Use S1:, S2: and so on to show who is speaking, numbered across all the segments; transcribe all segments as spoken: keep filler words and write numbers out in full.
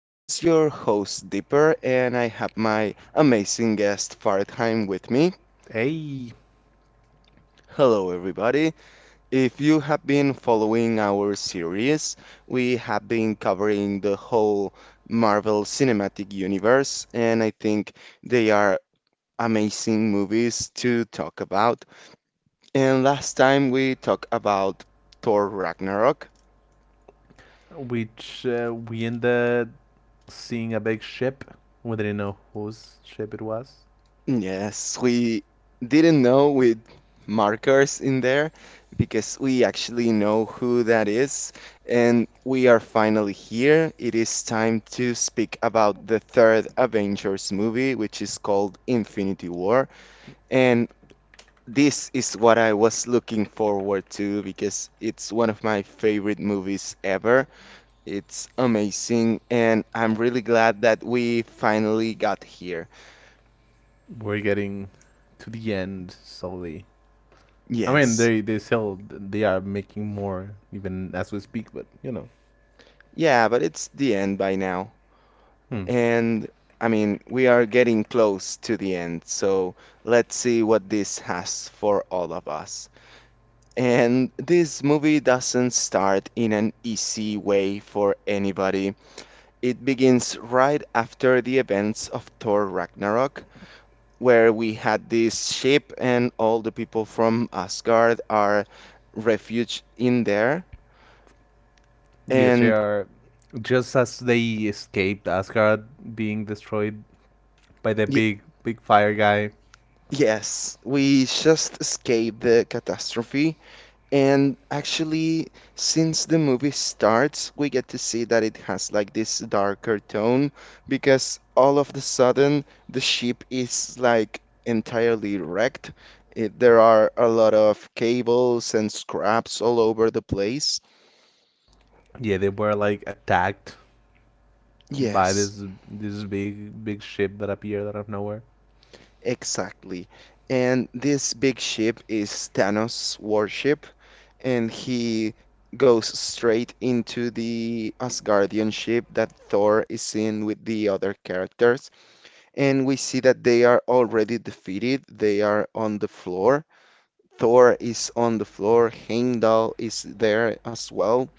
S1: This is your host, Dipper, and I have my amazing guest, Faridheim, with me.
S2: Hey,
S1: Hello, everybody. If you have been following our series, we have been covering the whole Marvel Cinematic Universe, and I think they are amazing movies to talk about. And last time we talked about Thor Ragnarok.
S2: which uh, we ended seeing a big ship. We didn't know whose ship it was.
S1: Yes, we didn't know with markers in there because we actually know who that is. And we are finally here. It is time to speak about the third Avengers movie, which is called Infinity War. And this is what I was looking forward to because it's one of my favorite movies ever. It's amazing, and I'm really glad that we finally got here.
S2: We're getting to the end slowly. I mean,
S1: Yes.
S2: they they still they are making more even as we speak, but you know,
S1: Yeah, but it's the end by now.
S2: hmm.
S1: And I mean, we are getting close to the end, so let's see what this has for all of us. And this movie doesn't start in an easy way for anybody. It begins right after the events of Thor Ragnarok, where we had this ship and all the people from Asgard are refuge in there.
S2: Yes, they
S1: And
S2: are. Just as they escaped Asgard being destroyed by the
S1: y-
S2: big big fire guy,
S1: Yes, we just escaped the catastrophe. And actually, since the movie starts, we get to see that it has like this darker tone because all of the sudden the ship is like entirely wrecked. It, there are a lot of cables and scraps all over the place.
S2: yeah, they were like attacked by
S1: Yes,
S2: this this big big ship that appeared out of nowhere.
S1: exactly. And this big ship is Thanos' warship and he goes straight into the Asgardian ship that Thor is in with the other characters. And we see that they are already defeated, they are on the floor. Thor is on the floor, Heimdall is there as well.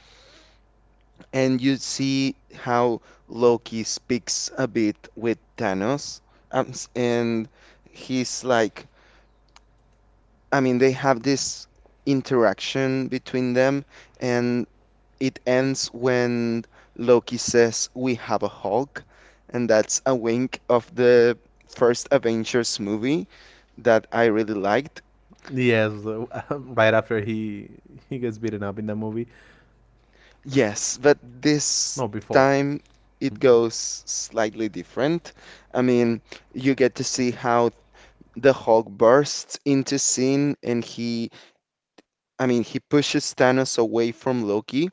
S1: And you see how Loki speaks a bit with Thanos. Um, s- and he's like, I mean, they have this interaction between them. And It ends when Loki says, "We have a Hulk," and that's a wink of the first Avengers movie that I really liked.
S2: Yes, right after he he gets beaten up in the movie.
S1: Yes, but this
S2: No, before.
S1: time it goes slightly different. I mean, you get to see how the Hulk bursts into scene and he, I mean, he pushes Thanos away from Loki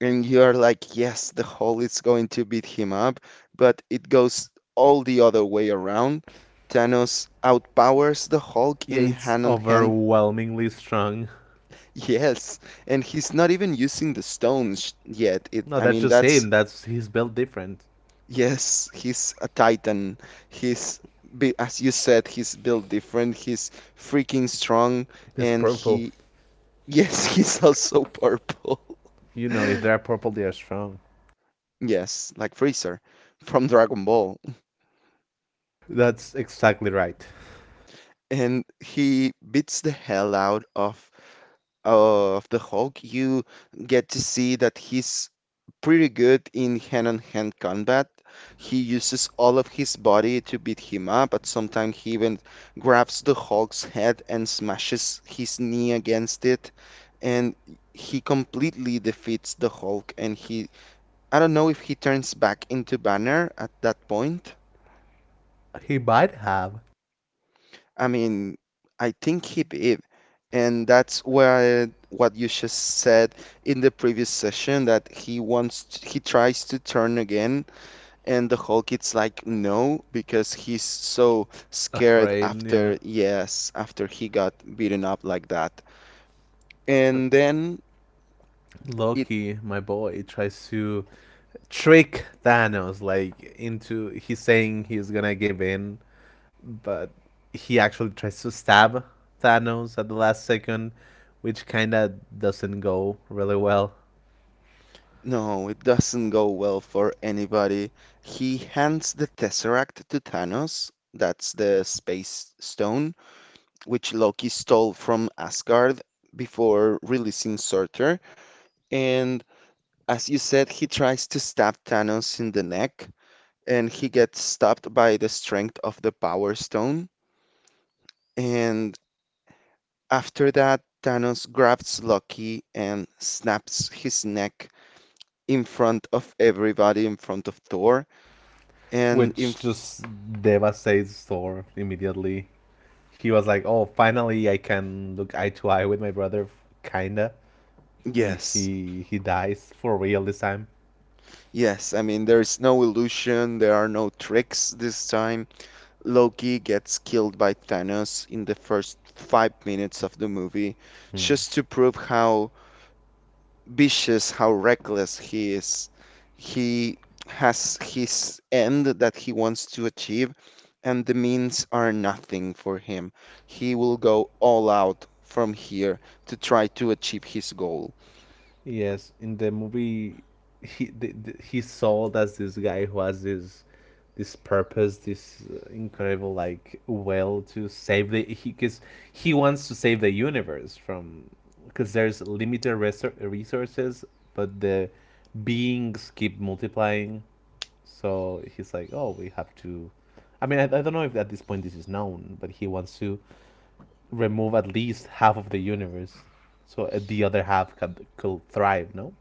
S1: and you are like, yes, the hole is going to beat him up, but it goes all the other way around. Thanos outpowers the Hulk
S2: Yeah,
S1: in
S2: it's
S1: hand on hand.
S2: overwhelmingly strong.
S1: Yes, and he's not even using the stones yet. It,
S2: No,
S1: I
S2: that's
S1: mean,
S2: just
S1: that's
S2: him. That's he's built different.
S1: yes, he's a titan. He's bi- as you said, he's built different. He's freaking strong,
S2: He's
S1: and
S2: purple.
S1: he yes, he's also purple.
S2: You know, if they're purple, they are strong.
S1: Yes, like Freezer from Dragon Ball.
S2: That's exactly right.
S1: And he beats the hell out of of the Hulk. You get to see that he's pretty good in hand-on-hand combat. He uses all of his body to beat him up, but sometimes he even grabs the Hulk's head and smashes his knee against it. And he completely defeats the Hulk, and he, I don't know if he turns back into Banner at that point.
S2: He might have
S1: I mean, I think he did. And that's where what you just said in the previous session that he wants t- he tries to turn again and the Hulk it's like no because he's so scared
S2: afraid. Yeah,
S1: after yes, after he got beaten up like that. And then it
S2: Loki, my boy, tries to trick Thanos like into he's saying he's gonna give in, but he actually tries to stab Thanos at the last second, which kind of doesn't go really well,
S1: no, it doesn't go well for anybody. He hands the Tesseract to Thanos. That's the space stone which Loki stole from Asgard before releasing Surtur. And as you said, he tries to stab Thanos in the neck, and he gets stopped by the strength of the Power Stone. And after that, Thanos grabs Loki and snaps his neck in front of everybody, in front of Thor. And in,
S2: which just devastates Thor immediately. He was like, "Oh, finally I can look eye to eye with my brother, kinda," and
S1: yes,
S2: he he dies for real this time.
S1: yes, I mean, there is no illusion, there are no tricks this time. Loki gets killed by Thanos in the first five minutes of the movie,
S2: Hmm.
S1: just to prove how vicious, how reckless he is. He has his end that he wants to achieve, and the means are nothing for him. He will go all out from here to try to achieve his goal.
S2: Yes, in the movie, he the, the, he's sold as this guy who has this this purpose, this uh, incredible, like, will to save the he because he wants to save the universe, from because there's limited resor- resources, but the beings keep multiplying. So he's like, oh, we have to. I mean, I, I don't know if at this point this is known, but he wants to remove at least half of the universe, so uh, the other half could, could thrive. No.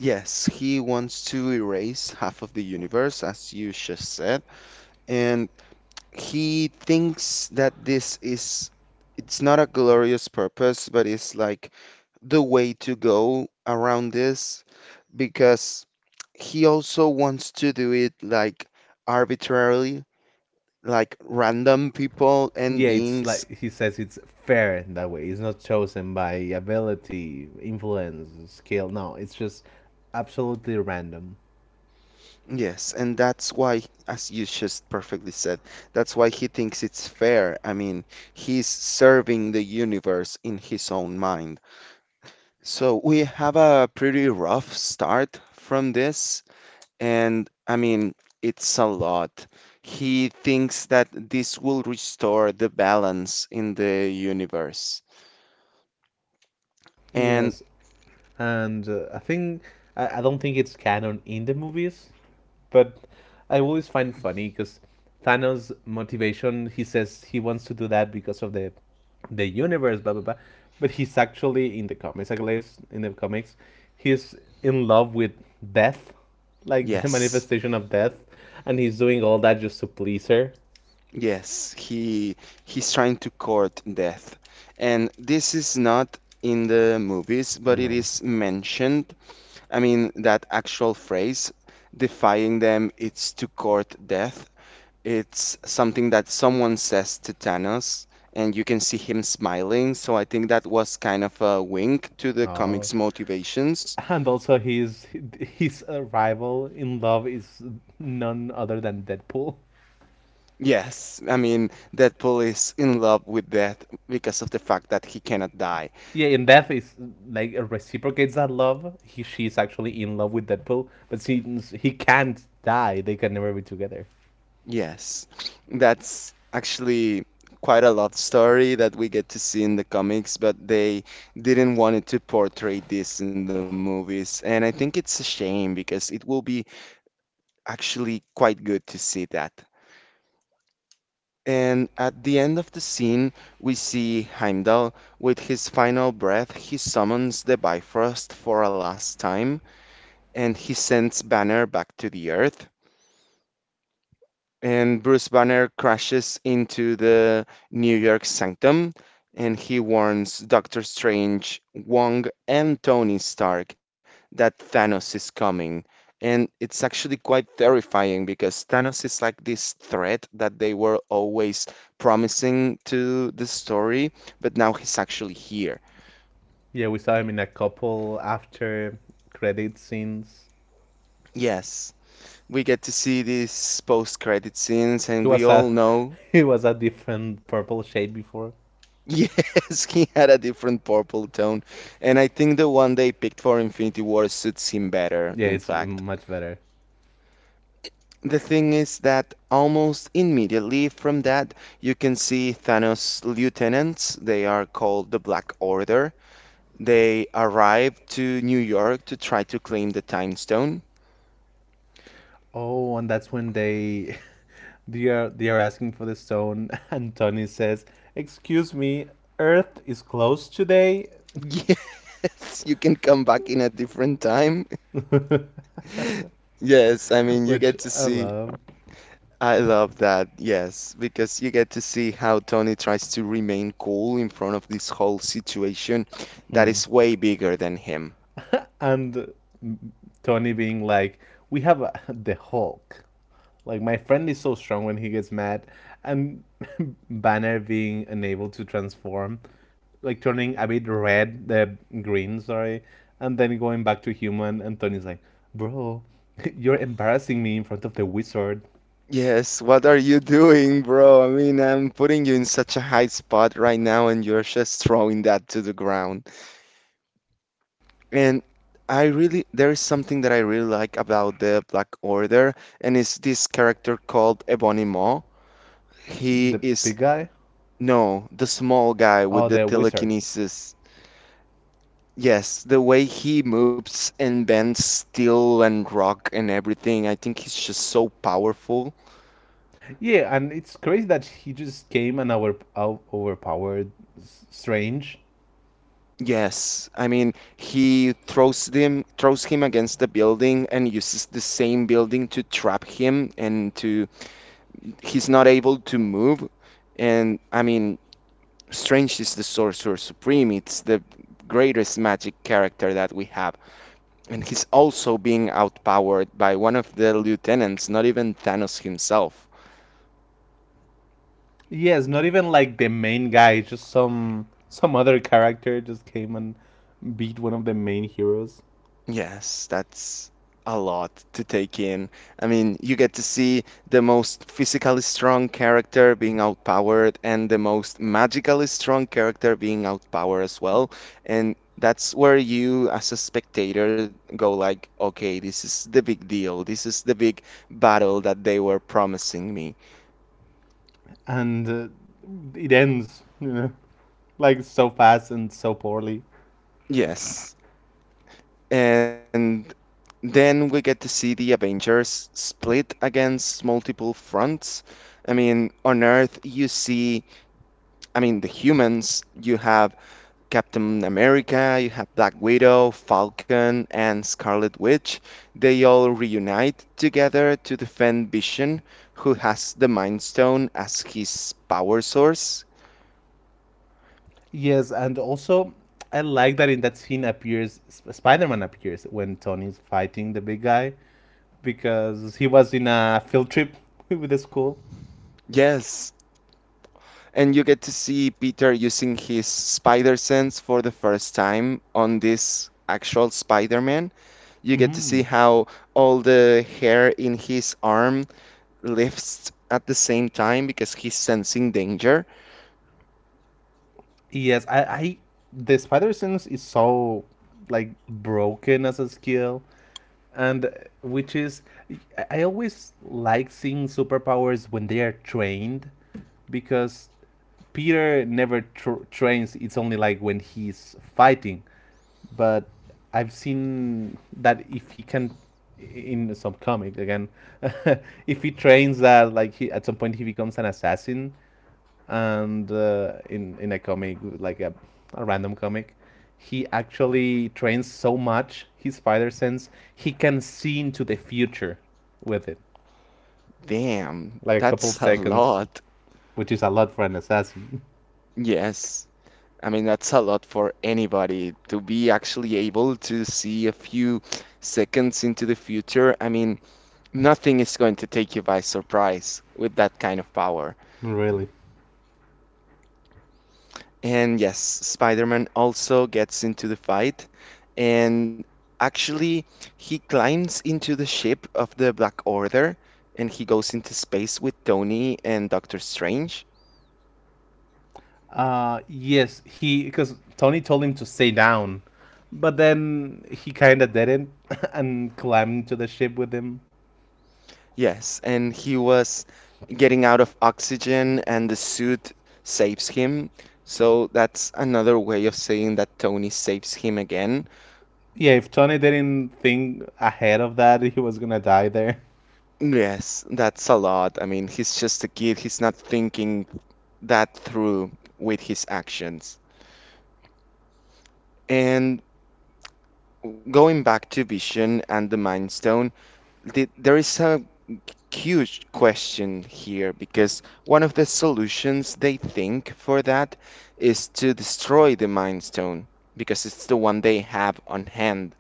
S1: Yes, he wants to erase half of the universe, as you just said, and he thinks that this is it's not a glorious purpose, but it's like the way to go around this because he also wants to do it like arbitrarily, like random people and
S2: Yeah, it's
S1: beings.
S2: like he says it's fair in that way. It's not chosen by ability, influence, skill. No, it's just absolutely random.
S1: Yes, and that's why, as you just perfectly said, that's why he thinks it's fair. I mean, he's serving the universe in his own mind. So we have a pretty rough start from this, and I mean, it's a lot. He thinks that this will restore the balance in the universe. And
S2: Yes, and uh, I think I, I don't think it's canon in the movies, but I always find funny because Thanos' motivation, he says he wants to do that because of the the universe, blah blah blah. But he's actually in the comics, at least in the comics, he's in love with death, like the
S1: yes,
S2: manifestation of death, and he's doing all that just to please her.
S1: yes, he he's trying to court death. And this is not in the movies, but it
S2: No.
S1: is mentioned. I mean, that actual phrase, defying them, it's to court death. It's something that someone says to Thanos, and you can see him smiling. So I think that was kind of a wink to the
S2: Oh,
S1: comic's motivations.
S2: and also his his uh, rival in love is none other than Deadpool.
S1: Yes, I mean, Deadpool is in love with death because of the fact that he cannot die.
S2: Yeah, in Death is like reciprocates that love. He she's actually in love with Deadpool, but since he can't die, they can never be together.
S1: Yes, that's actually quite a love story that we get to see in the comics, but they didn't want it to portray this in the movies. And I think it's a shame because it will be actually quite good to see that. And at the end of the scene, we see Heimdall with his final breath. He summons the Bifrost for a last time and he sends Banner back to the earth and Bruce Banner crashes into the New York Sanctum and he warns Doctor Strange, Wong, and Tony Stark that Thanos is coming. And it's actually quite terrifying because Thanos is like this threat that they were always promising to the story, but now he's actually here.
S2: Yeah, we saw him in a couple after credit scenes.
S1: Yes, we get to see these post-credit scenes, and
S2: He
S1: we
S2: was
S1: all
S2: a
S1: know
S2: he was a different purple shade before.
S1: yes, he had a different purple tone, and I think the one they picked for Infinity War suits him better,
S2: Yeah,
S1: in
S2: it's
S1: fact.
S2: much better.
S1: The thing is that almost immediately from that, you can see Thanos' lieutenants, they are called the Black Order. They arrive to New York to try to claim the Time Stone.
S2: Oh, and that's when they they are they are asking for the stone, and Tony says, "Excuse me, Earth is closed today,"
S1: Yes, you can come back in a different time. Yes, I mean, you
S2: which
S1: get to
S2: I
S1: see.
S2: love.
S1: I love that, yes, because you get to see how Tony tries to remain cool in front of this whole situation that
S2: Hmm.
S1: is way bigger than him.
S2: And Tony being like, "We have a, the Hulk." Like my friend is so strong when he gets mad, and Banner being unable to transform, like turning a bit red, the green, sorry, and then going back to human. And Tony's like, "Bro, you're embarrassing me in front of the wizard,
S1: Yes, what are you doing, bro? I mean, I'm putting you in such a high spot right now, and you're just throwing that to the ground. And I really, there is something that I really like about the Black Order, and it's this character called Ebony Maw. He
S2: the
S1: is,
S2: big guy,
S1: no, the small guy with
S2: oh
S1: the
S2: the wizard."
S1: telekinesis. Yes, the way he moves and bends steel and rock and everything, I think he's just so powerful.
S2: Yeah, and it's crazy that he just came and over, out- overpowered S- Strange.
S1: Yes, I mean he throws them throws him against the building and uses the same building to trap him and to he's not able to move. And I mean, Strange is the Sorcerer Supreme. It's the greatest magic character that we have. And he's also being outpowered by one of the lieutenants, not even Thanos himself.
S2: Yes, not even like the main guy, just some some other character just came and beat one of the main heroes,
S1: Yes, that's a lot to take in. I mean, you get to see the most physically strong character being outpowered and the most magically strong character being outpowered as well. And that's where you, as a spectator, go like, okay, this is the big deal. This is the big battle that they were promising me.
S2: and uh, it ends, you know, like so fast and so poorly.
S1: Yes. And Then we get to see the Avengers split against multiple fronts. I mean, on Earth, you see, I mean, the humans, you have Captain America, you have Black Widow, Falcon, and Scarlet Witch. They all reunite together to defend Vision, who has the Mind Stone as his power source.
S2: Yes, and also I like that in that scene appears Sp- Spider-Man appears when Tony's fighting the big guy, because he was in a field trip with the school.
S1: Yes. And you get to see Peter using his spider sense for the first time on this actual Spider Man. You get to see
S2: Mm.
S1: how all the hair in his arm lifts at the same time because he's sensing danger.
S2: Yes, I, I the spider sense is so like broken as a skill, and which is, I- always like seeing superpowers when they are trained, because Peter never tr- trains, it's only like when he's fighting. But I've seen that if he can, in some comic again, if he trains that, like, he at some point he becomes an assassin, and uh, in in a comic, like a, a random comic, he actually trains so much his spider sense he can see into the future with it,
S1: Damn,
S2: like a
S1: that's
S2: couple
S1: a
S2: seconds,
S1: lot.
S2: which is a lot for an assassin.
S1: Yes. I mean, that's a lot for anybody to be actually able to see a few seconds into the future. I mean, nothing is going to take you by surprise with that kind of power.
S2: Really.
S1: And yes, Spider-Man also gets into the fight and actually he climbs into the ship of the Black Order and he goes into space with Tony and Doctor Strange.
S2: Uh yes, he because Tony told him to stay down, but then he kind of didn't, and climbed to the ship with him.
S1: Yes, and he was getting out of oxygen and the suit saves him. So that's another way of saying that Tony saves him again.
S2: Yeah, if Tony didn't think ahead of that, he was gonna die there.
S1: Yes, that's a lot. I mean, he's just a kid. He's not thinking that through with his actions. And going back to Vision and the Mind Stone, th- there is a huge question here because one of the solutions they think for that is to destroy the Mind Stone because it's the one they have on hand.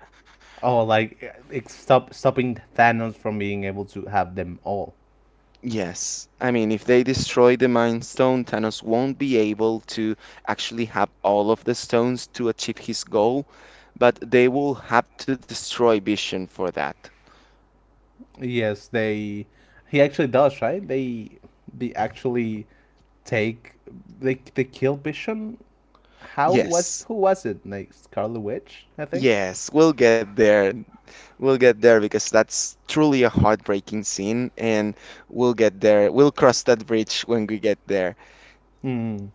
S2: Oh, like it's stop stopping Thanos from being able to have them all.
S1: Yes, I mean, if they destroy the Mind Stone, Thanos won't be able to actually have all of the stones to achieve his goal, but they will have to destroy Vision for that.
S2: Yes, they. He actually does, right? They they actually take. They they kill Vision. How was
S1: Yes.
S2: Who was it? Like Scarlet Witch, I think.
S1: Yes, we'll get there. We'll get there because that's truly a heartbreaking scene, and we'll get there. We'll cross that bridge when we get there.
S2: Hmm.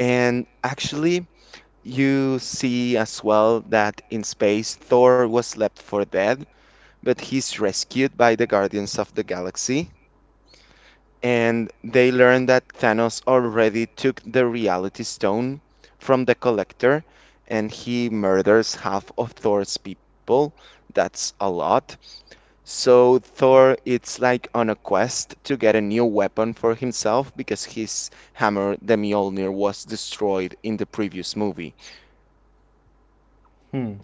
S1: And actually, you see as well that in space, Thor was left for dead, but he's rescued by the Guardians of the Galaxy. And they learn that Thanos already took the Reality Stone from the Collector, and he murders half of Thor's people. That's a lot. So Thor, it's like on a quest to get a new weapon for himself because his hammer, the Mjolnir, was destroyed in the previous movie.
S2: Hmm.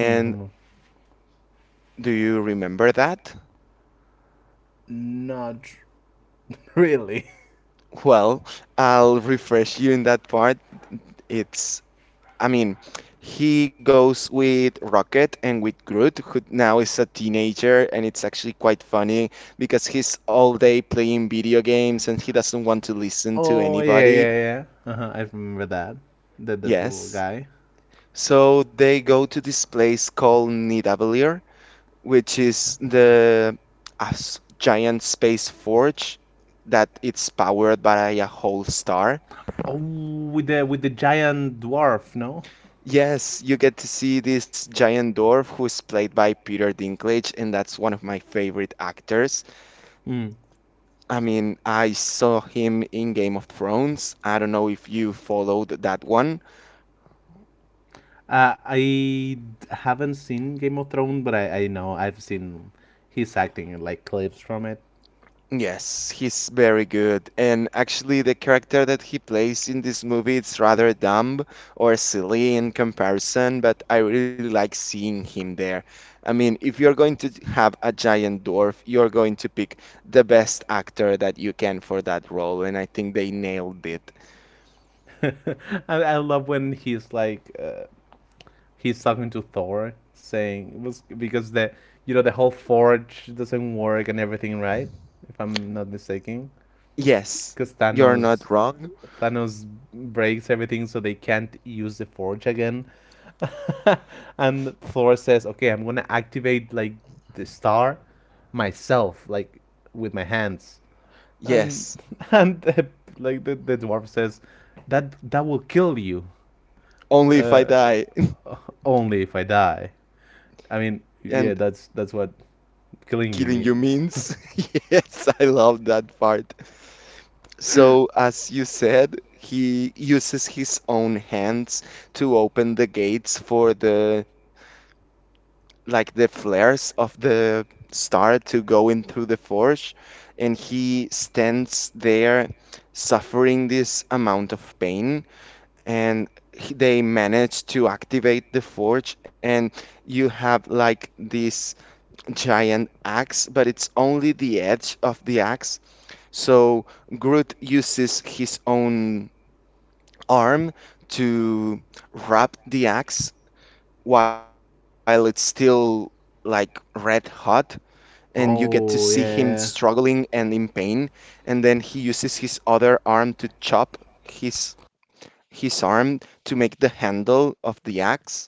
S2: Hmm. Hmm.
S1: do you remember that?
S2: Not really?
S1: Well, I'll refresh you in that part. It's, I mean, he goes with Rocket and with Groot, who now is a teenager, and it's actually quite funny because he's all day playing video games and he doesn't want to listen to
S2: Oh yeah,
S1: anybody.
S2: yeah, yeah. Uh-huh, I remember that. That that little
S1: Yes.
S2: guy.
S1: So they go to this place called Nidavellir, which is the a s- giant space forge that it's powered by a whole star.
S2: Oh, with the with the giant dwarf, no?
S1: Yes, you get to see this giant dwarf who's played by Peter Dinklage, and that's one of my favorite actors.
S2: Mm.
S1: I mean, I saw him in Game of Thrones. I don't know if you followed that one.
S2: Uh, I haven't seen Game of Thrones, but I, I know I've seen his acting in like clips from it.
S1: Yes, he's very good. And actually, the character that he plays in this movie it's rather dumb or silly in comparison, but I really like seeing him there. I mean, if you're going to have a giant dwarf, you're going to pick the best actor that you can for that role, and I think they nailed it.
S2: I, I love when he's like, uh, he's talking to Thor, saying was because the, you know the whole forge doesn't work and everything, right? If I'm not mistaken.
S1: Yes,
S2: Because
S1: you're
S2: Thanos
S1: not wrong.
S2: Thanos breaks everything, so they can't use the forge again. And Thor says, "Okay, I'm gonna activate like the star myself, like with my hands." And
S1: Yes,
S2: and the, like the, the dwarf says, "That that will kill you,
S1: only if I
S2: uh,
S1: die.
S2: only if I die." I mean,
S1: And
S2: yeah, that's that's what killing you
S1: killing you
S2: means.
S1: means. Yes, I love that part. So, as you said, he uses his own hands to open the gates for the like the flares of the star to go in through the forge, and he stands there suffering this amount of pain, and he- they manage to activate the forge, and you have like this giant axe, but it's only the edge of the axe. So Groot uses his own arm to wrap the axe while it's still like red hot and you get to see him
S2: Oh yeah, yeah.
S1: struggling and in pain and then he uses his other arm to chop his his arm to make the handle of the axe.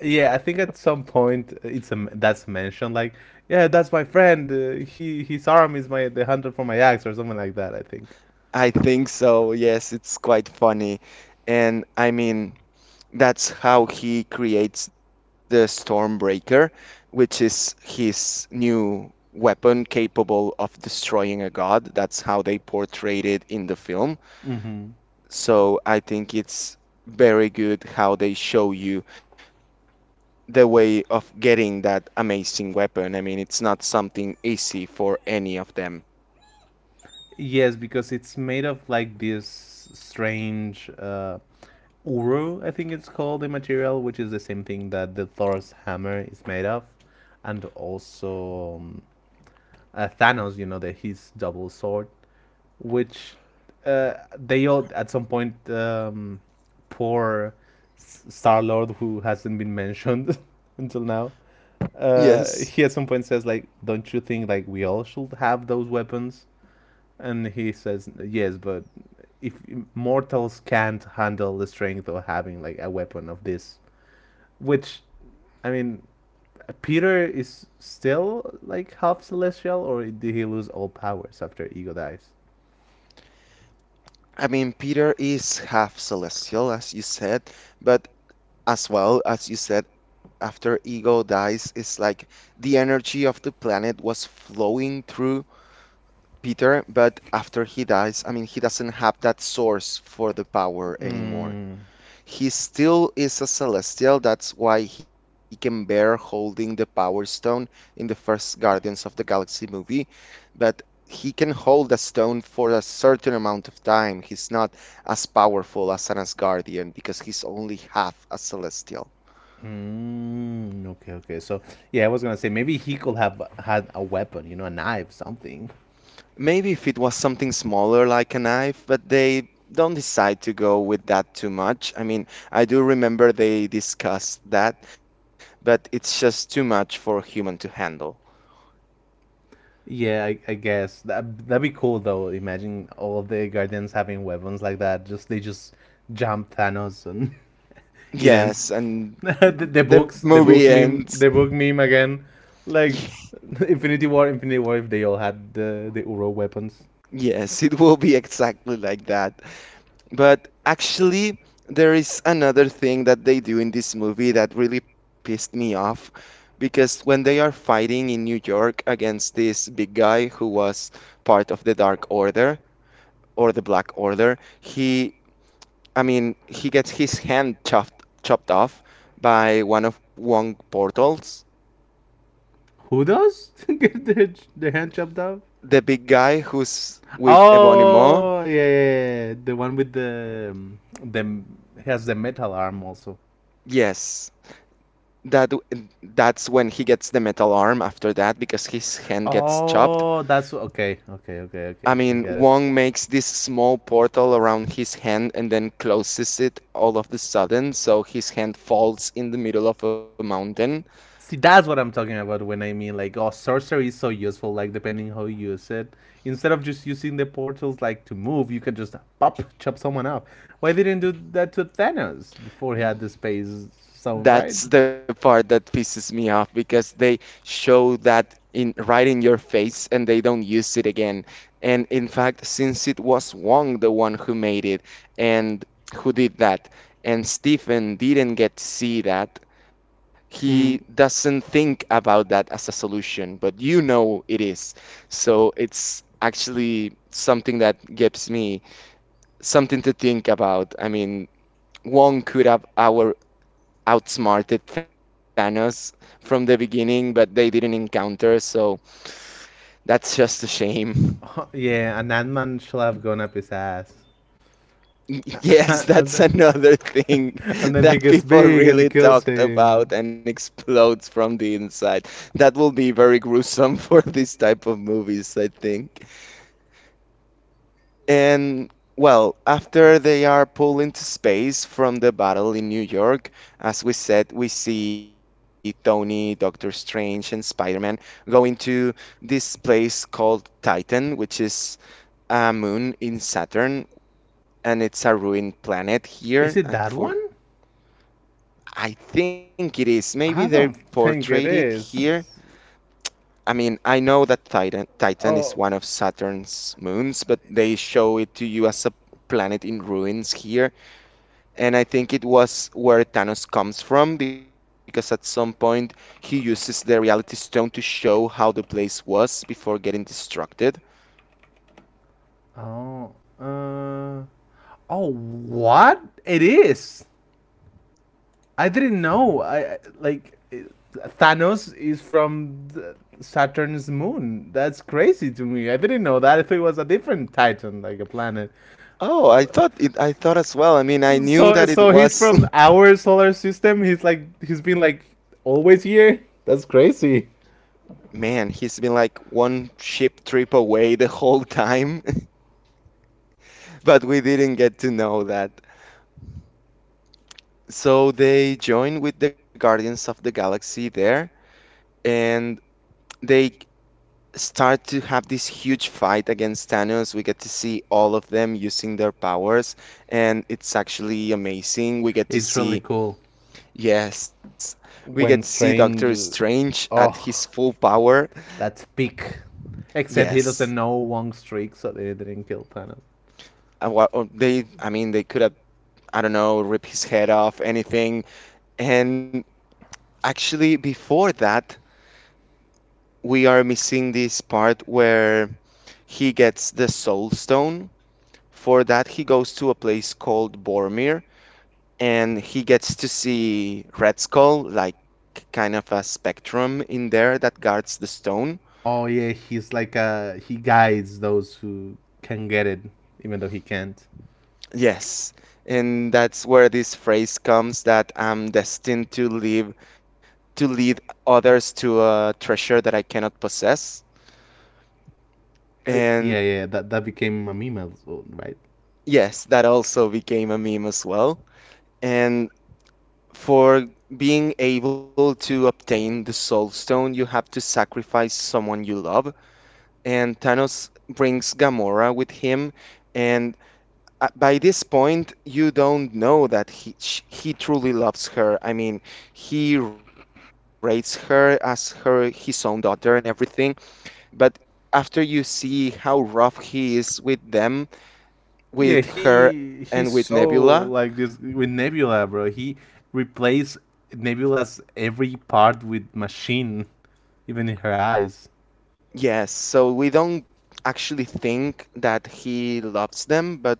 S2: Yeah, I think at some point it's a, that's mentioned like, yeah, that's my friend. Uh, he His arm is my the hunter for my axe or something like that, I think.
S1: I think so. Yes, it's quite funny. And I mean that's how he creates the Stormbreaker, which is his new weapon capable of destroying a god. That's how they portrayed it in the film.
S2: Mm-hmm.
S1: So I think it's very good how they show you the way of getting that amazing weapon. I mean, it's not something easy for any of them.
S2: Yes, because it's made of like this strange, uh, uru, I think it's called, the material, which is the same thing that the Thor's hammer is made of, and also um, uh, Thanos, you know, the, his double sword, which uh, they all at some point, um, poor Star Lord, who hasn't been mentioned until now,
S1: Yes.
S2: uh, he at some point says like, "Don't you think like we all should have those weapons?" And he says, yes, but if mortals can't handle the strength of having like a weapon of this, which, I mean, Peter is still like half celestial, or did he lose all powers after Ego dies?
S1: I mean, Peter is half celestial, as you said, but as well, as you said, after Ego dies, it's like the energy of the planet was flowing through Peter, but after he dies, I mean, he doesn't have that source for the power anymore.
S2: Mm.
S1: He still is a celestial, that's why he can bear holding the Power Stone in the first Guardians of the Galaxy movie, but he can hold a stone for a certain amount of time. He's not as powerful as an Asgardian because he's only half a celestial.
S2: Mm, okay, okay. So yeah, I was gonna say maybe he could have had a weapon, you know, a knife, something.
S1: Maybe if it was something smaller like a knife, but they don't decide to go with that too much. I mean, I do remember they discussed that, but it's just too much for a human to handle.
S2: Yeah, I, I guess that that'd be cool though. Imagine all of the guardians having weapons like that. Just they just jump Thanos and it ends.
S1: Yes, and
S2: the, the
S1: the
S2: books, the
S1: movie
S2: book meme,
S1: ends.
S2: the book meme again. Like Infinity War, Infinity War. If they all had the the Uro weapons,
S1: Yes, it will be exactly like that. But actually, there is another thing that they do in this movie that really pissed me off because when they are fighting in New York against this big guy who was part of the Dark Order or the Black Order, he, I mean, he gets his hand chopped chopped off by one of Wong Portals,
S2: who does get their their hand chopped off?
S1: the big guy who's with Ebonimo.
S2: Oh yeah, yeah, yeah, yeah. The one with the, um, the, has the metal arm also.
S1: Yes, that w- that's when he gets the metal arm after that because his hand gets chopped.
S2: Oh, that's okay. Okay, okay,
S1: I
S2: okay. I
S1: mean,
S2: get it.
S1: Wong makes this small portal around his hand and then closes it all of the sudden, so his hand falls in the middle of a mountain.
S2: See, that's what I'm talking about when I mean like, oh, sorcery is so useful. Like, depending how you use it, instead of just using the portals like to move, you can just pop chop someone up. Why didn't do that to Thanos before he had the space zone, right?
S1: That's the part that pisses me off because they show that in right in your face and they don't use it again. And in fact, since it was Wong the one who made it and who did that, and Stephen didn't get to see that, he
S2: Mm.
S1: doesn't
S2: does
S1: think about that as a solution, but you know it is. So it's actually something that gives me something to think about. I mean, Wong could have our outsmarted Thanos from the beginning, but they didn't encounter, so that's just a shame.
S2: Yeah, and that man shall have gone up his ass.
S1: Yes,
S2: And
S1: that's
S2: then,
S1: another thing
S2: and then
S1: that
S2: he gets
S1: people
S2: big and
S1: really
S2: kills
S1: talked
S2: him.
S1: about and explodes from the inside. That will be very gruesome for this type of movies, I think. And well, after they are pulled into space from the battle in New York, as we said, we see Tony, Doctor Strange, and Spider-Man go into this place called Titan, which is a moon in Saturn, and it's a ruined planet here.
S2: Is it
S1: at-
S2: that
S1: For
S2: one?
S1: I think it is. Maybe they
S2: I don't
S1: portrayed
S2: think
S1: it
S2: it
S1: here.
S2: is.
S1: I mean, I know that Titan Titan is
S2: Oh,
S1: one of Saturn's moons, but they show it to you as a planet in ruins here. And I think it was where Thanos comes from because at some point he uses the reality stone to show how the place was before getting destructed.
S2: oh, uh, oh, what? It is. I didn't know. I I- like it- Thanos is from the Saturn's moon. That's crazy to me. I didn't know that. I thought it was a different Titan, like a planet.
S1: Oh, I thought it, I thought as well. I mean, I knew
S2: So,
S1: that it
S2: so he's
S1: was.
S2: from our solar system. He's like he's been like always here. That's crazy.
S1: Man, he's been like one ship trip away the whole time, but we didn't get to know that. So they join with the Guardians of the Galaxy there, and they start to have this huge fight against Thanos. We get to see all of them using their powers, and it's actually amazing. We get to
S2: It's really
S1: see,
S2: cool.
S1: Yes, we get to see
S2: When
S1: Doctor
S2: Strange,
S1: Strange at his
S2: oh,
S1: full power.
S2: that's peak. Except he
S1: Yes,
S2: doesn't know Wong streak, so they didn't kill Thanos.
S1: Uh, wha- or they, I mean, they could have, I don't know, rip his head off, anything. And actually, before that, we are missing this part where he gets the Soul Stone. For that, he goes to a place called Boromir and he gets to see Red Skull, like kind of a spectrum in there that guards the stone.
S2: Oh yeah, he's like uh he guides those who can get it, even though he can't.
S1: Yes, and that's where this phrase comes that I'm destined to live to lead others to a treasure that I cannot possess.
S2: Uh,
S1: And
S2: yeah, yeah, that that became a meme, as well, right?
S1: yes, that also became a meme as well. And for being able to obtain the Soul Stone, you have to sacrifice someone you love. And Thanos brings Gamora with him, and at- by this point, you don't know that he sh he truly loves her. I mean, he rates her as her his own daughter and everything. But after you see how rough he is with them,
S2: Yeah,
S1: with her,
S2: he he's
S1: and with
S2: so
S1: Nebula,
S2: like this with Nebula, bro. He replaced Nebula's every part with machine, even in her eyes.
S1: yes. So we don't actually think that he loves them, but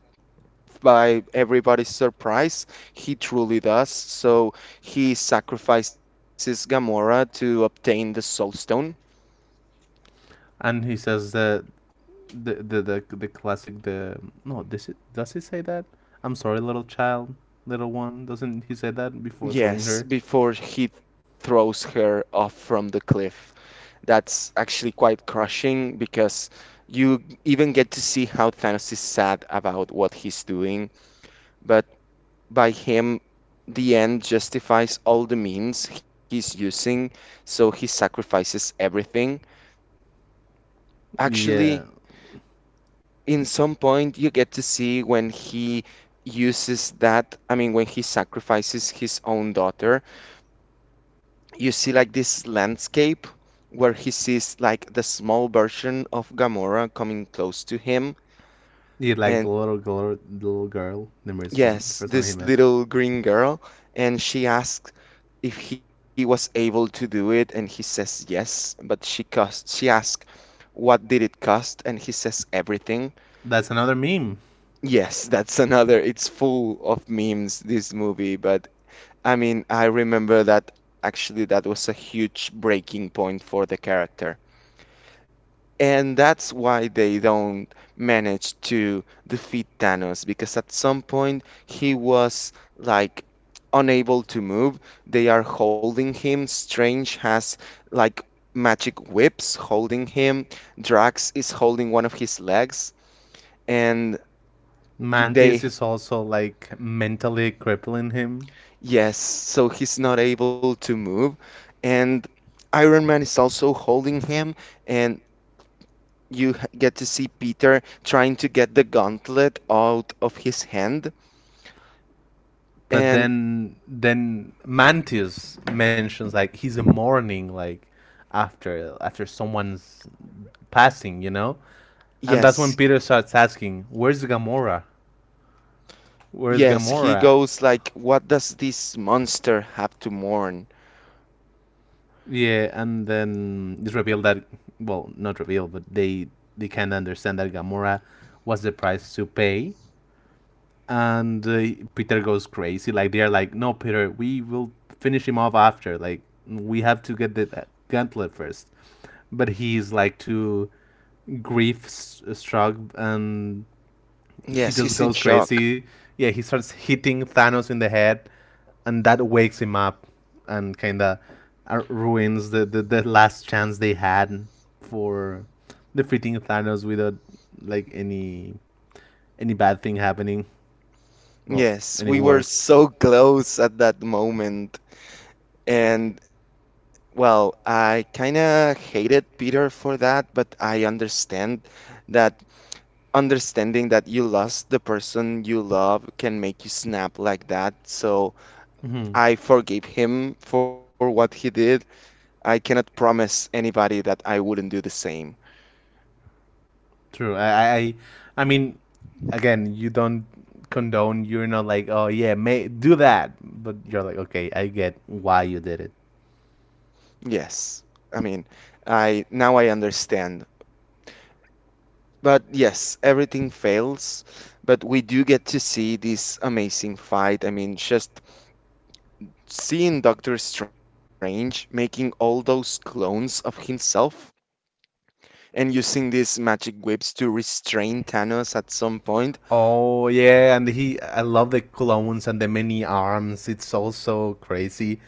S1: by everybody's surprise, he truly does. So he sacrifices Gamora to obtain the Soul Stone.
S2: And he says that the the the, the classic, the no, does it, does he say that, "I'm sorry, little child, little one," doesn't he say that before throwing
S1: Yes,
S2: her?
S1: before he throws her off from the cliff. That's actually quite crushing because you even get to see how Thanos is sad about what he's doing. But by him, the end justifies all the means he's using, so he sacrifices everything.
S2: Yeah.
S1: Actually, in some point, you get to see when he uses that, I mean, when he sacrifices his own daughter you see like this landscape where he sees like the small version of Gamora coming close to him.
S2: You like the
S1: And
S2: little girl, the little girl, numerous one, the
S1: yes,
S2: first one he
S1: this
S2: met.
S1: little green girl, and she asks if he was able to do it, and he says yes, but she cost she asks what did it cost, and he says everything.
S2: That's another meme.
S1: Yes, that's another. It's full of memes, this movie, but I mean, I remember that actually that was a huge breaking point for the character. And that's why they don't manage to defeat Thanos because at some point he was like unable to move. They are holding him. Strange has like magic whips holding him. Drax is holding one of his legs. And y-
S2: Mantis
S1: they,
S2: is also like mentally crippling him.
S1: yes, so he's not able to move. And Iron Man is also holding him. And you h- get to see Peter trying to get the gauntlet out of his hand.
S2: But
S1: And
S2: then then Mantius mentions like he's a mourning like after after someone's passing, you know, and that's
S1: yes,
S2: when Peter starts asking, "Where's Gamora? Where's
S1: yes, he
S2: Gamora?"
S1: goes like, what does this monster have to mourn?
S2: Yeah, and then it's revealed that, well, not revealed, but they they can understand that Gamora was the price to pay, and uh, Peter goes crazy. Like they're like, "No, Peter, we will finish him off after. Like we have to get the, uh, gauntlet first." But he's like too grief struck, and he
S1: Yes,
S2: just
S1: he's in
S2: goes
S1: shock.
S2: crazy. Yeah, he starts hitting Thanos in the head, and that wakes him up, and kind of ruins the, the the last chance they had for defeating Thanos without like any any bad thing happening. Well,
S1: Yes,
S2: any
S1: we were
S2: worse.
S1: so close at that moment. And well, I kind of hated Peter for that, but I understand that understanding that you lost the person you love can make you snap like that. So
S2: Hmm.
S1: I forgave him for what he did. I cannot promise anybody that I wouldn't do the same.
S2: True. I, I, I mean, again, you don't condone. You're not like, "Oh yeah, may do that," but you're like, "Okay, I get why you did it."
S1: Yes. I mean, I now I understand. But yes, everything fails, but we do get to see this amazing fight. I mean, just seeing Doctor Strange making all those clones of himself and using these magic whips to restrain Thanos at some point.
S2: Oh yeah, and he, I love the clones and the many arms. It's also crazy.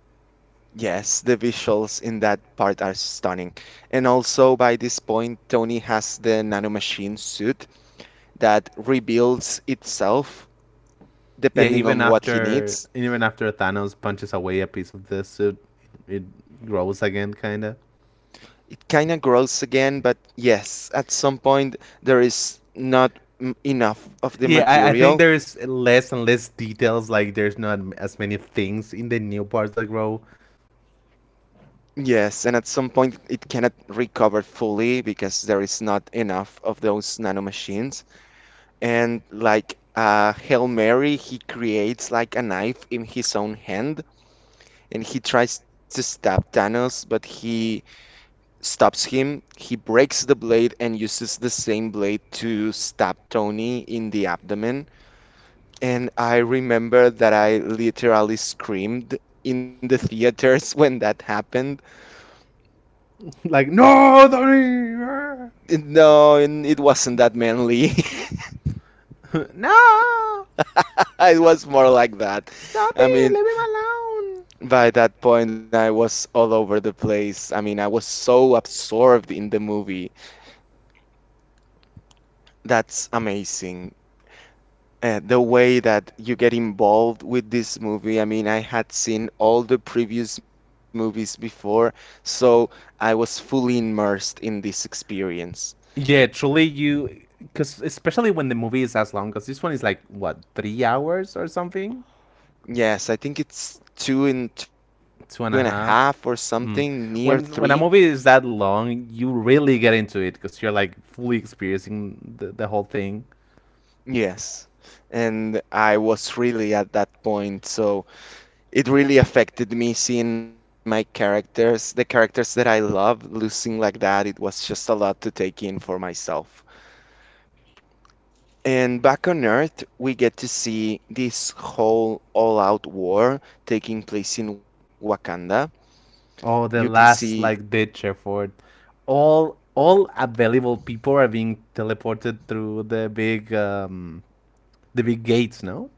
S1: Yes, the visuals in that part are stunning. And also, by this point, Tony has the nanomachine suit that rebuilds itself
S2: Yeah,
S1: depending
S2: even
S1: on what he
S2: after,
S1: needs.
S2: even after Thanos punches away a piece of the suit, it grows again, kinda.
S1: It kind of grows again, but yes, at some point, there is not m- enough of the
S2: Yeah, I, I think
S1: material.
S2: there's less and less details. Like there's not m- as many things in the new parts that grow.
S1: Yes, and at some point, it cannot recover fully because there is not enough of those nanomachines. And like uh, Hail Mary, he creates like a knife in his own hand and he tries to stab Thanos, but he stops him. He breaks the blade and uses the same blade to stab Tony in the abdomen. And I remember that I literally screamed in the theaters when that happened.
S2: Like, "No, Dory, ah."
S1: No, and it wasn't that manly.
S2: No,
S1: It was more like that.
S2: stop
S1: I
S2: it,
S1: mean,
S2: leave him alone.
S1: By that point, I was all over the place. I mean, I was so absorbed in the movie. That's amazing. Uh, the way that you get involved with this movie. I mean, I had seen all the previous movies before, so I was fully immersed in this experience.
S2: Yeah, truly, you, because especially when the movie is as long, because this one is like, what, three hours or something?
S1: Yes, I think it's two and two and a half
S2: Two
S1: or
S2: and a half.
S1: something, near
S2: Mm.
S1: three.
S2: When when a movie is that long, you really get into it because you're like fully experiencing the, the whole thing.
S1: Yes. And I was really at that point, so it really affected me seeing my characters, the characters that I love, losing like that. It was just a lot to take in for myself. And back on Earth, we get to see this whole all out war taking place in Wakanda. You can
S2: Oh, the
S1: see,
S2: last like ditch effort. All all available people are being teleported through the big um the big gates. No.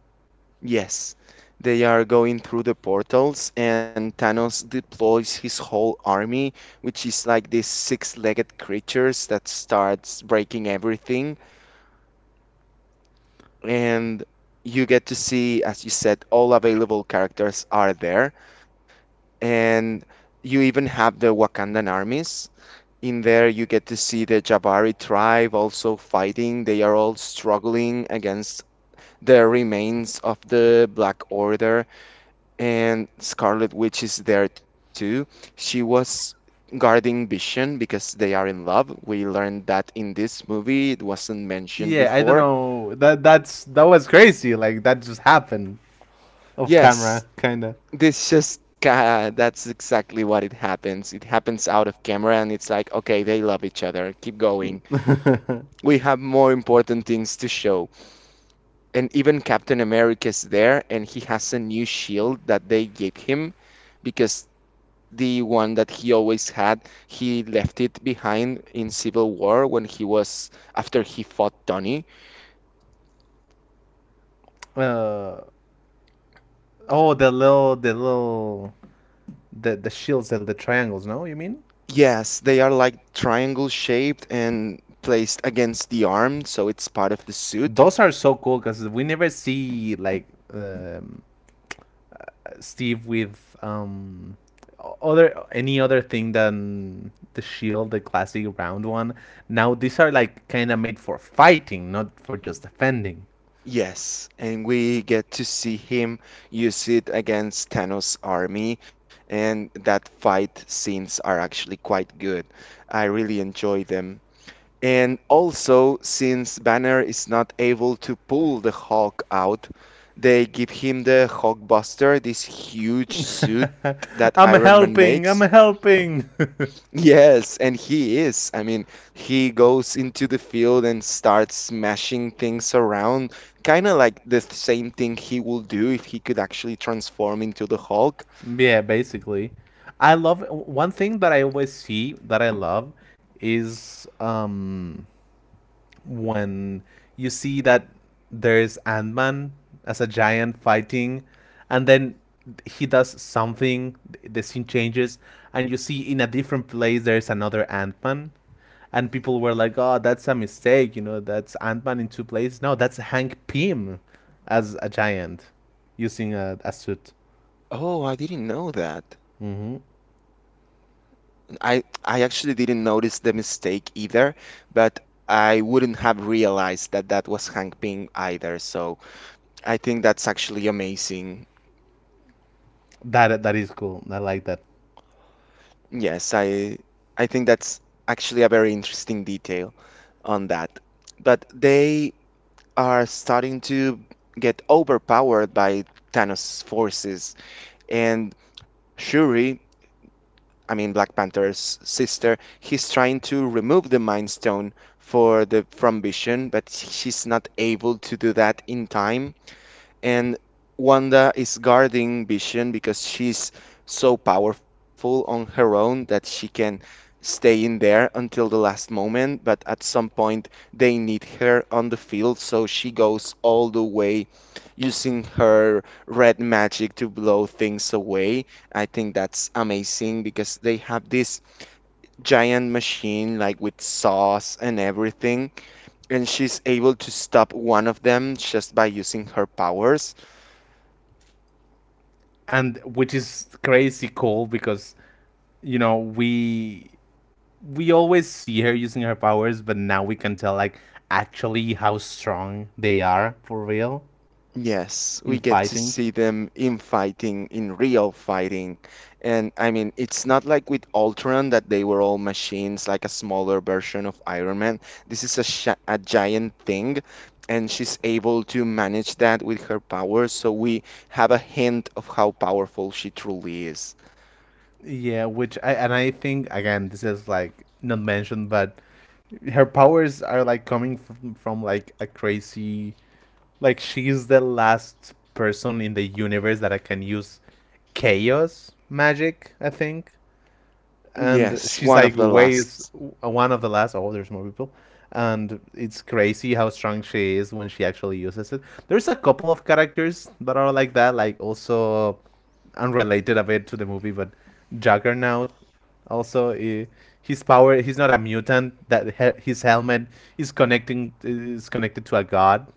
S1: yes, they are going through the portals, and Thanos deploys his whole army, which is like these six legged creatures that starts breaking everything, and you get to see, as you said, all available characters are there, and you even have the Wakandan armies. In there, you get to see the Jabari tribe also fighting. They are all struggling against the remains of the Black Order, and Scarlet Witch is there too. She was guarding Vision because they are in love. We learned that in this movie, it wasn't mentioned
S2: Yeah, I don't
S1: before.
S2: know. That that's that was crazy. Like that just happened off camera,
S1: Yes,
S2: kinda.
S1: This just ca that's exactly what it happens. It happens out of camera, and it's like, okay, they love each other. Keep going. We have more important things to show. And even Captain America's there, and he has a new shield that they gave him because the one that he always had, he left it behind in Civil War when he was after he fought Tony.
S2: uh, oh, the little the little the the shields, the, the triangles. No, you mean
S1: Yes, they are like triangle shaped and placed against the arm, so it's part of the suit.
S2: those are so cool because we never see like, um, uh, Steve with um other any other thing than the shield, the classic round one. Now these are like kind of made for fighting, not for just defending.
S1: Yes, and we get to see him use it against Thanos' army, and that fight scenes are actually quite good. I really enjoy them. And also, since Banner is not able to pull the Hulk out, they give him the Hulkbuster, this huge suit that Iron
S2: I'm
S1: Man makes.
S2: helping. I'm helping.
S1: Yes, and he is. I mean, he goes into the field and starts smashing things around, kind of like the same thing he will do if he could actually transform into the Hulk.
S2: Yeah, basically. I love one thing that I always see that I love is, um when you see that there's Ant Man as a giant fighting, and then he does something, the scene changes, and you see in a different place there's another Ant Man. And people were like, "Oh, that's a mistake," you know. That's Ant Man in two places. No, that's Hank Pym as a giant using a, a suit.
S1: Oh, I didn't know that.
S2: Hmm.
S1: I I actually didn't notice the mistake either, but I wouldn't have realized that that was Hank Pym either. So I think that's actually amazing.
S2: That that is cool. I like that,
S1: Yes, I I think that's actually a very interesting detail on that. But they are starting to get overpowered by Thanos' forces. And Shuri, I mean Black Panther's sister, he's trying to remove the Mind Stone for the from Vision, but she's not able to do that in time, and Wanda is guarding Vision because she's so powerful on her own that she can stay in there until the last moment. But at some point, they need her on the field, so she goes all the way using her red magic to blow things away. I think that's amazing because they have this giant machine, like with saws and everything, and she's able to stop one of them just by using her powers.
S2: and which is crazy cool because, you know, we we always see her using her powers, but now we can tell like actually how strong they are for real
S1: Yes, we
S2: in
S1: get to
S2: fighting.
S1: see them in fighting, in real fighting. And I mean, it's not like with Ultron that they were all machines, like a smaller version of Iron Man. This is a, sh a giant thing, and she's able to manage that with her powers. So we have a hint of how powerful she truly is.
S2: Yeah, which, I and I think again this is like not mentioned, but her powers are like coming from, from like a crazy, like she's the last person in the universe that I can use chaos magic, I think. And
S1: Yes, one
S2: she's
S1: of
S2: like
S1: the
S2: weighs
S1: last.
S2: one of the last. Oh, there's more people, and it's crazy how strong she is when she actually uses it. There's a couple of characters that are like that, like also unrelated a bit to the movie, but Juggernaut also eh, his power. He's not a mutant. That he- his helmet is connecting is connected to a god.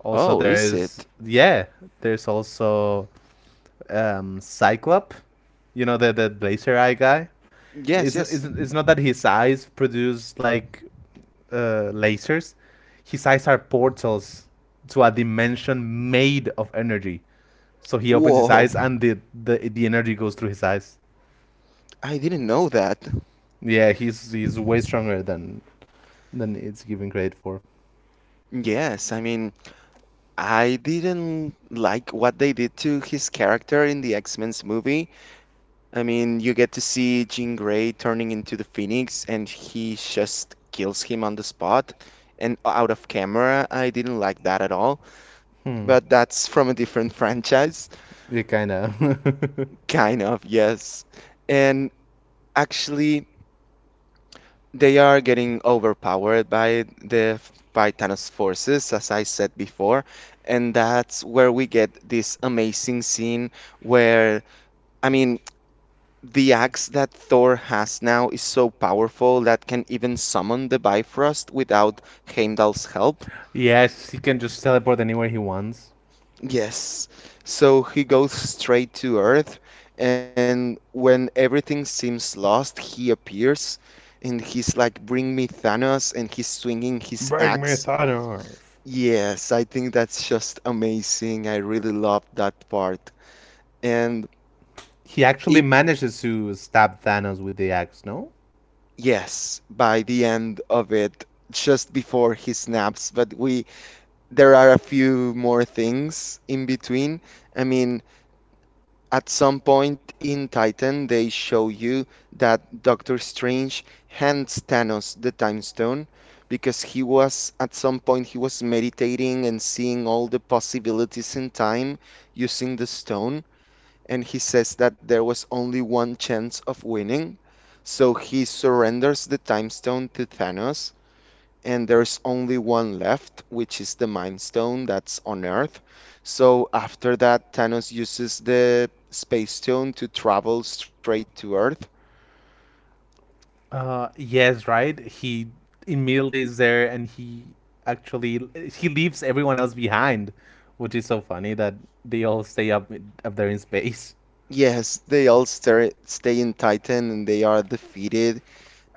S2: Also,
S1: Oh,
S2: there
S1: is it?
S2: is, yeah. There's also um, Cyclop, you know, the the laser eye guy.
S1: Yes,
S2: It's
S1: yes.
S2: it's it's not that his eyes produce like, uh, lasers. His eyes are portals to a dimension made of energy. So he opens his
S1: Whoa,
S2: eyes and the the, the energy goes through his eyes.
S1: I didn't know that.
S2: Yeah, he's he's way stronger than than it's given credit for.
S1: Yes, I mean, I didn't like what they did to his character in the X-Men's movie. I mean, you get to see Jean Grey turning into the Phoenix and he just kills him on the spot. And out of camera, I didn't like that at all.
S2: Hmm.
S1: But that's from a different franchise.
S2: Yeah, kinda.
S1: Kind of, yes. And actually, they are getting overpowered by the by Thanos' forces, as I said before. And that's where we get this amazing scene where I mean, the axe that Thor has now is so powerful that can even summon the Bifrost without Heimdall's help.
S2: Yes, he can just teleport anywhere he wants.
S1: Yes. So he goes straight to Earth, and when everything seems lost, he appears and he's like, "Bring me Thanos," and he's swinging his
S2: Bring me
S1: axe.
S2: Thanos.
S1: Yes, I think that's just amazing. I really love that part. And
S2: He actually
S1: it,
S2: manages to stab Thanos with the axe, no?
S1: yes, by the end of it, just before he snaps, but we there are a few more things in between. I mean, at some point in Titan, they show you that Doctor Strange hands Thanos the Time Stone because he was at some point he was meditating and seeing all the possibilities in time using the stone, and he says that there was only one chance of winning. So he surrenders the time stone to Thanos, and there's only one left, which is the Mind Stone that's on Earth. So after that, Thanos uses the Space Stone to travel straight to Earth.
S2: Uh, yes, right. He immediately is there, and he actually he leaves everyone else behind, which is so funny that they all stay up up there in space.
S1: Yes, they all stay, stay in Titan and they are defeated.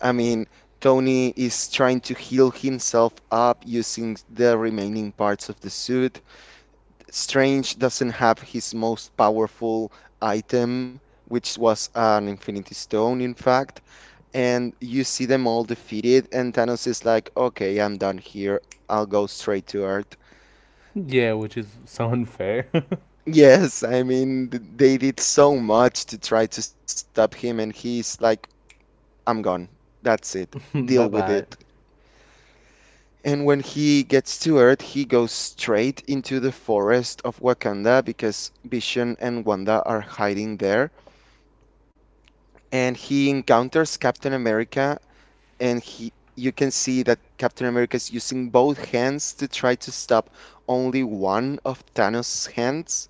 S1: I mean, Tony is trying to heal himself up using the remaining parts of the suit. Strange doesn't have his most powerful item, which was an Infinity Stone, in fact. And you see them all defeated, and Thanos is like, okay, I'm done here. I'll go straight to Earth.
S2: Yeah, which is so unfair.
S1: Yes, I mean, th- they did so much to try to stop him, and he's like, I'm gone. That's it. Deal
S2: Bye
S1: with
S2: bye.
S1: it. And when he gets to Earth, he goes straight into the forest of Wakanda because Vision and Wanda are hiding there, and he encounters Captain America, and he you can see that Captain America is using both hands to try to stop only one of Thanos' hands,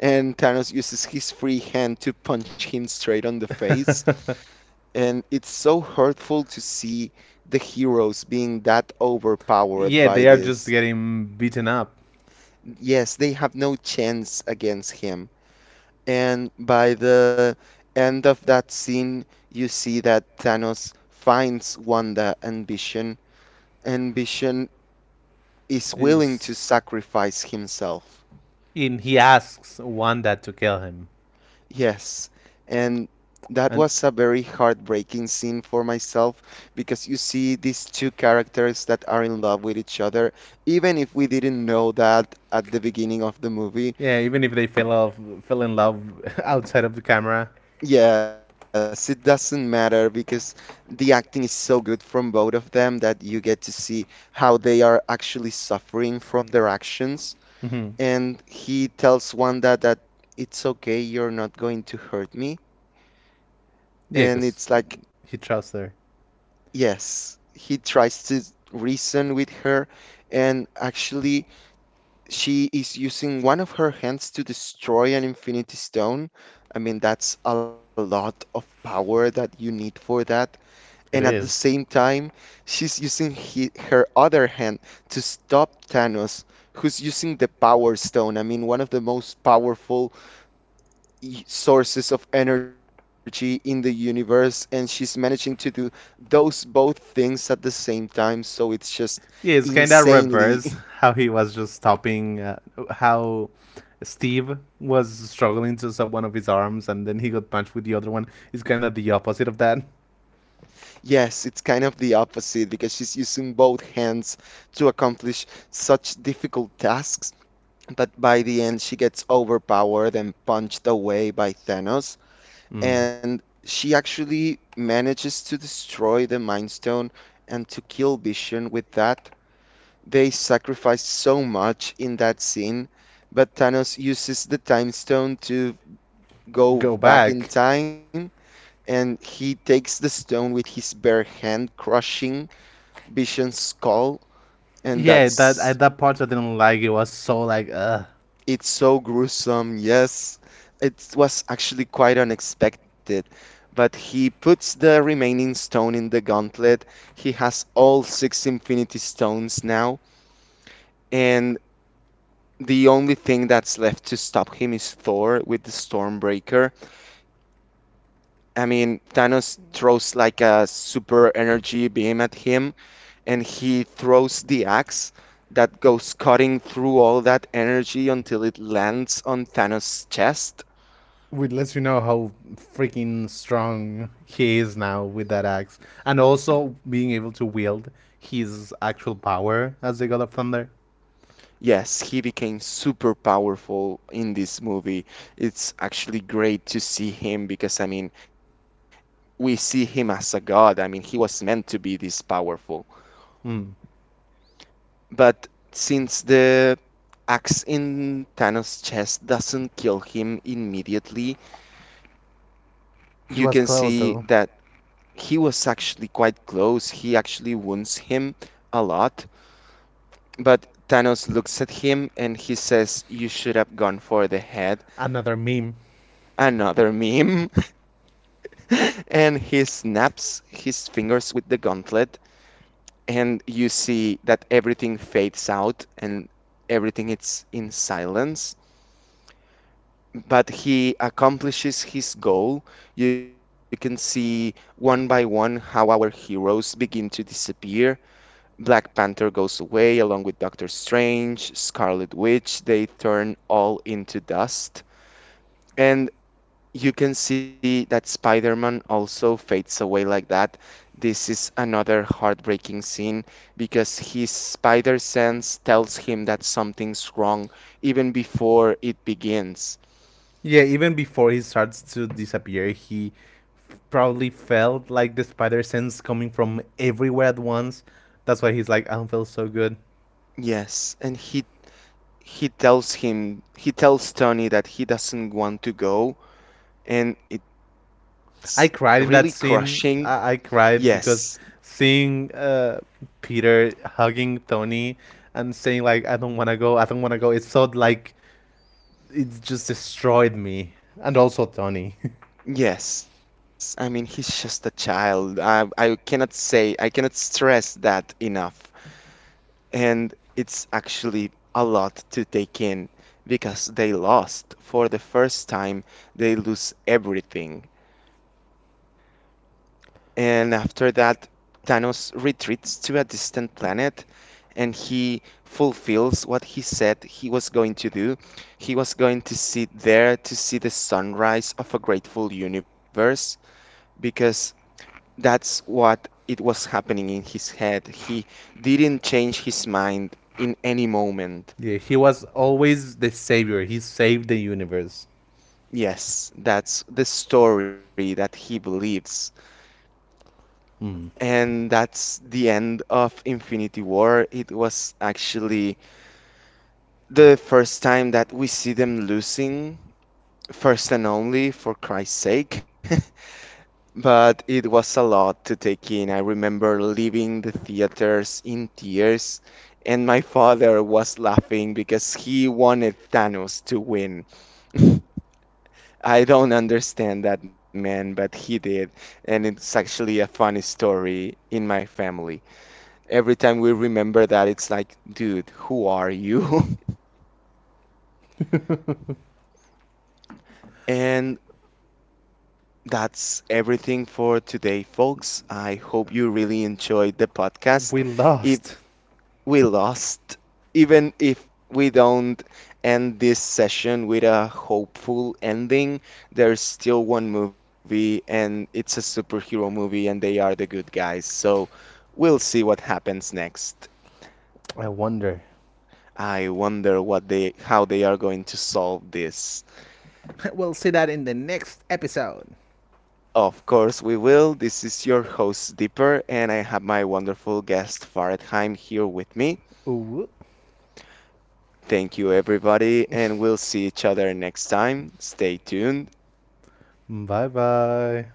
S1: and Thanos uses his free hand to punch him straight on the face, and it's so hurtful to see the heroes being that overpowered
S2: Yeah,
S1: by
S2: they are just
S1: this.
S2: getting beaten up.
S1: Yes, they have no chance against him. And by the end of that scene, you see that Thanos finds Wanda ambition. Ambition is willing to
S2: Is
S1: sacrifice himself.
S2: in, he asks Wanda to kill him,
S1: Yes. And that
S2: and
S1: was a very heartbreaking scene for myself because you see these two characters that are in love with each other, even if we didn't know that at the beginning of the movie.
S2: yeah, even if they fell off, fell in love outside of the camera.
S1: Yes, it doesn't matter because the acting is so good from both of them that you get to see how they are actually suffering from their actions.
S2: Hmm.
S1: And he tells Wanda that it's okay, you're not going to hurt me. And
S2: Yeah,
S1: it's
S2: because
S1: like,
S2: he trusts her.
S1: yes, he tries to reason with her, and actually, she is using one of her hands to destroy an Infinity Stone. I mean, that's a lot of power that you need for that. And at the
S2: It
S1: same
S2: is.
S1: time, she's using he, her other hand to stop Thanos, who's using the Power Stone. I mean, one of the most powerful e- sources of energy in the universe, and she's managing to do those both things at the same time. So it's just
S2: Yeah, it's kind of
S1: insanely,
S2: reversed how he was just stopping, uh, how Steve was struggling to stop one of his arms and then he got punched with the other one. It's kind of the opposite of that.
S1: yes, it's kind of the opposite because she's using both hands to accomplish such difficult tasks. But by the end, she gets overpowered and punched away by Thanos.
S2: Mm.
S1: And she actually manages to destroy the Mind Stone and to kill Vision with that. They sacrifice so much in that scene, but Thanos uses the Time Stone to go
S2: Go
S1: back in
S2: back.
S1: time. And he takes the stone with his bare hand, crushing Vision's skull. And
S2: Yeah, that
S1: that's
S2: at that part I didn't like. It was so like, ugh.
S1: it's so gruesome. Yes, it was actually quite unexpected. But he puts the remaining stone in the gauntlet. He has all six Infinity Stones now. And the only thing that's left to stop him is Thor with the Stormbreaker. I mean, Thanos throws like a super energy beam at him, and he throws the axe that goes cutting through all that energy until it lands on Thanos' chest.
S2: Which lets you know how freaking strong he is now with that axe, and also being able to wield his actual power as the god of thunder.
S1: Yes, he became super powerful in this movie. It's actually great to see him because, I mean, we see him as a god. I mean, he was meant to be this powerful.
S2: Mm.
S1: But since the axe in Thanos' chest doesn't kill him immediately, you can
S2: It was
S1: see
S2: close
S1: that
S2: though.
S1: he was actually quite close. He actually wounds him a lot. But Thanos looks at him and he says, "You should have gone for the head."
S2: Another meme.
S1: Another meme. And he snaps his fingers with the gauntlet, and you see that everything fades out and everything is in silence. But he accomplishes his goal. You can see one by one how our heroes begin to disappear. Black Panther goes away along with Doctor Strange, Scarlet Witch, they turn all into dust. And you can see that Spider Man also fades away like that. This is another heartbreaking scene because his spider sense tells him that something's wrong even before it begins.
S2: Yeah, even before he starts to disappear, he f- probably felt like the spider sense coming from everywhere at once. That's why he's like, "I don't feel so good."
S1: Yes, and he he tells him he tells Tony that he doesn't want to go, and it's really
S2: I cried in
S1: crushing.
S2: that scene. I, I
S1: Yes.
S2: cried because seeing uh, Peter hugging Tony and saying like, "I don't want to go. I don't want to go." It's so like it just destroyed me, and also Tony.
S1: Yes. I mean, he's just a child. I I cannot say I cannot stress that enough. And it's actually a lot to take in because they lost for the first time. They lose everything. And after that, Thanos retreats to a distant planet and he fulfills what he said he was going to do. He was going to sit there to see the sunrise of a grateful universe because that's what it was happening in his head. He didn't change his mind in any moment.
S2: Yeah, he was always the savior. He saved the universe.
S1: Yes, that's the story that he believes.
S2: Mm.
S1: And that's the end of Infinity War. It was actually the first time that we see them losing, first and only, for Christ's sake. But it was a lot to take in. I remember leaving the theaters in tears, and my father was laughing because he wanted Thanos to win. I don't understand that man, but he did. And it's actually a funny story in my family. Every time we remember that, it's like, dude, who are you? And that's everything for today, folks. I hope you really enjoyed the podcast.
S2: We
S1: If
S2: lost.
S1: we lost, even if we don't end this session with a hopeful ending, there's still one movie and it's a superhero movie and they are the good guys. So we'll see what happens next.
S2: I wonder.
S1: I wonder what they how they are going to solve this.
S2: We'll see that in the next episode.
S1: Of course we will. This is your host Dipper and I have my wonderful guest Faradheim here with me.
S2: Ooh.
S1: Thank you everybody and we'll see each other next time. Stay tuned.
S2: Bye bye.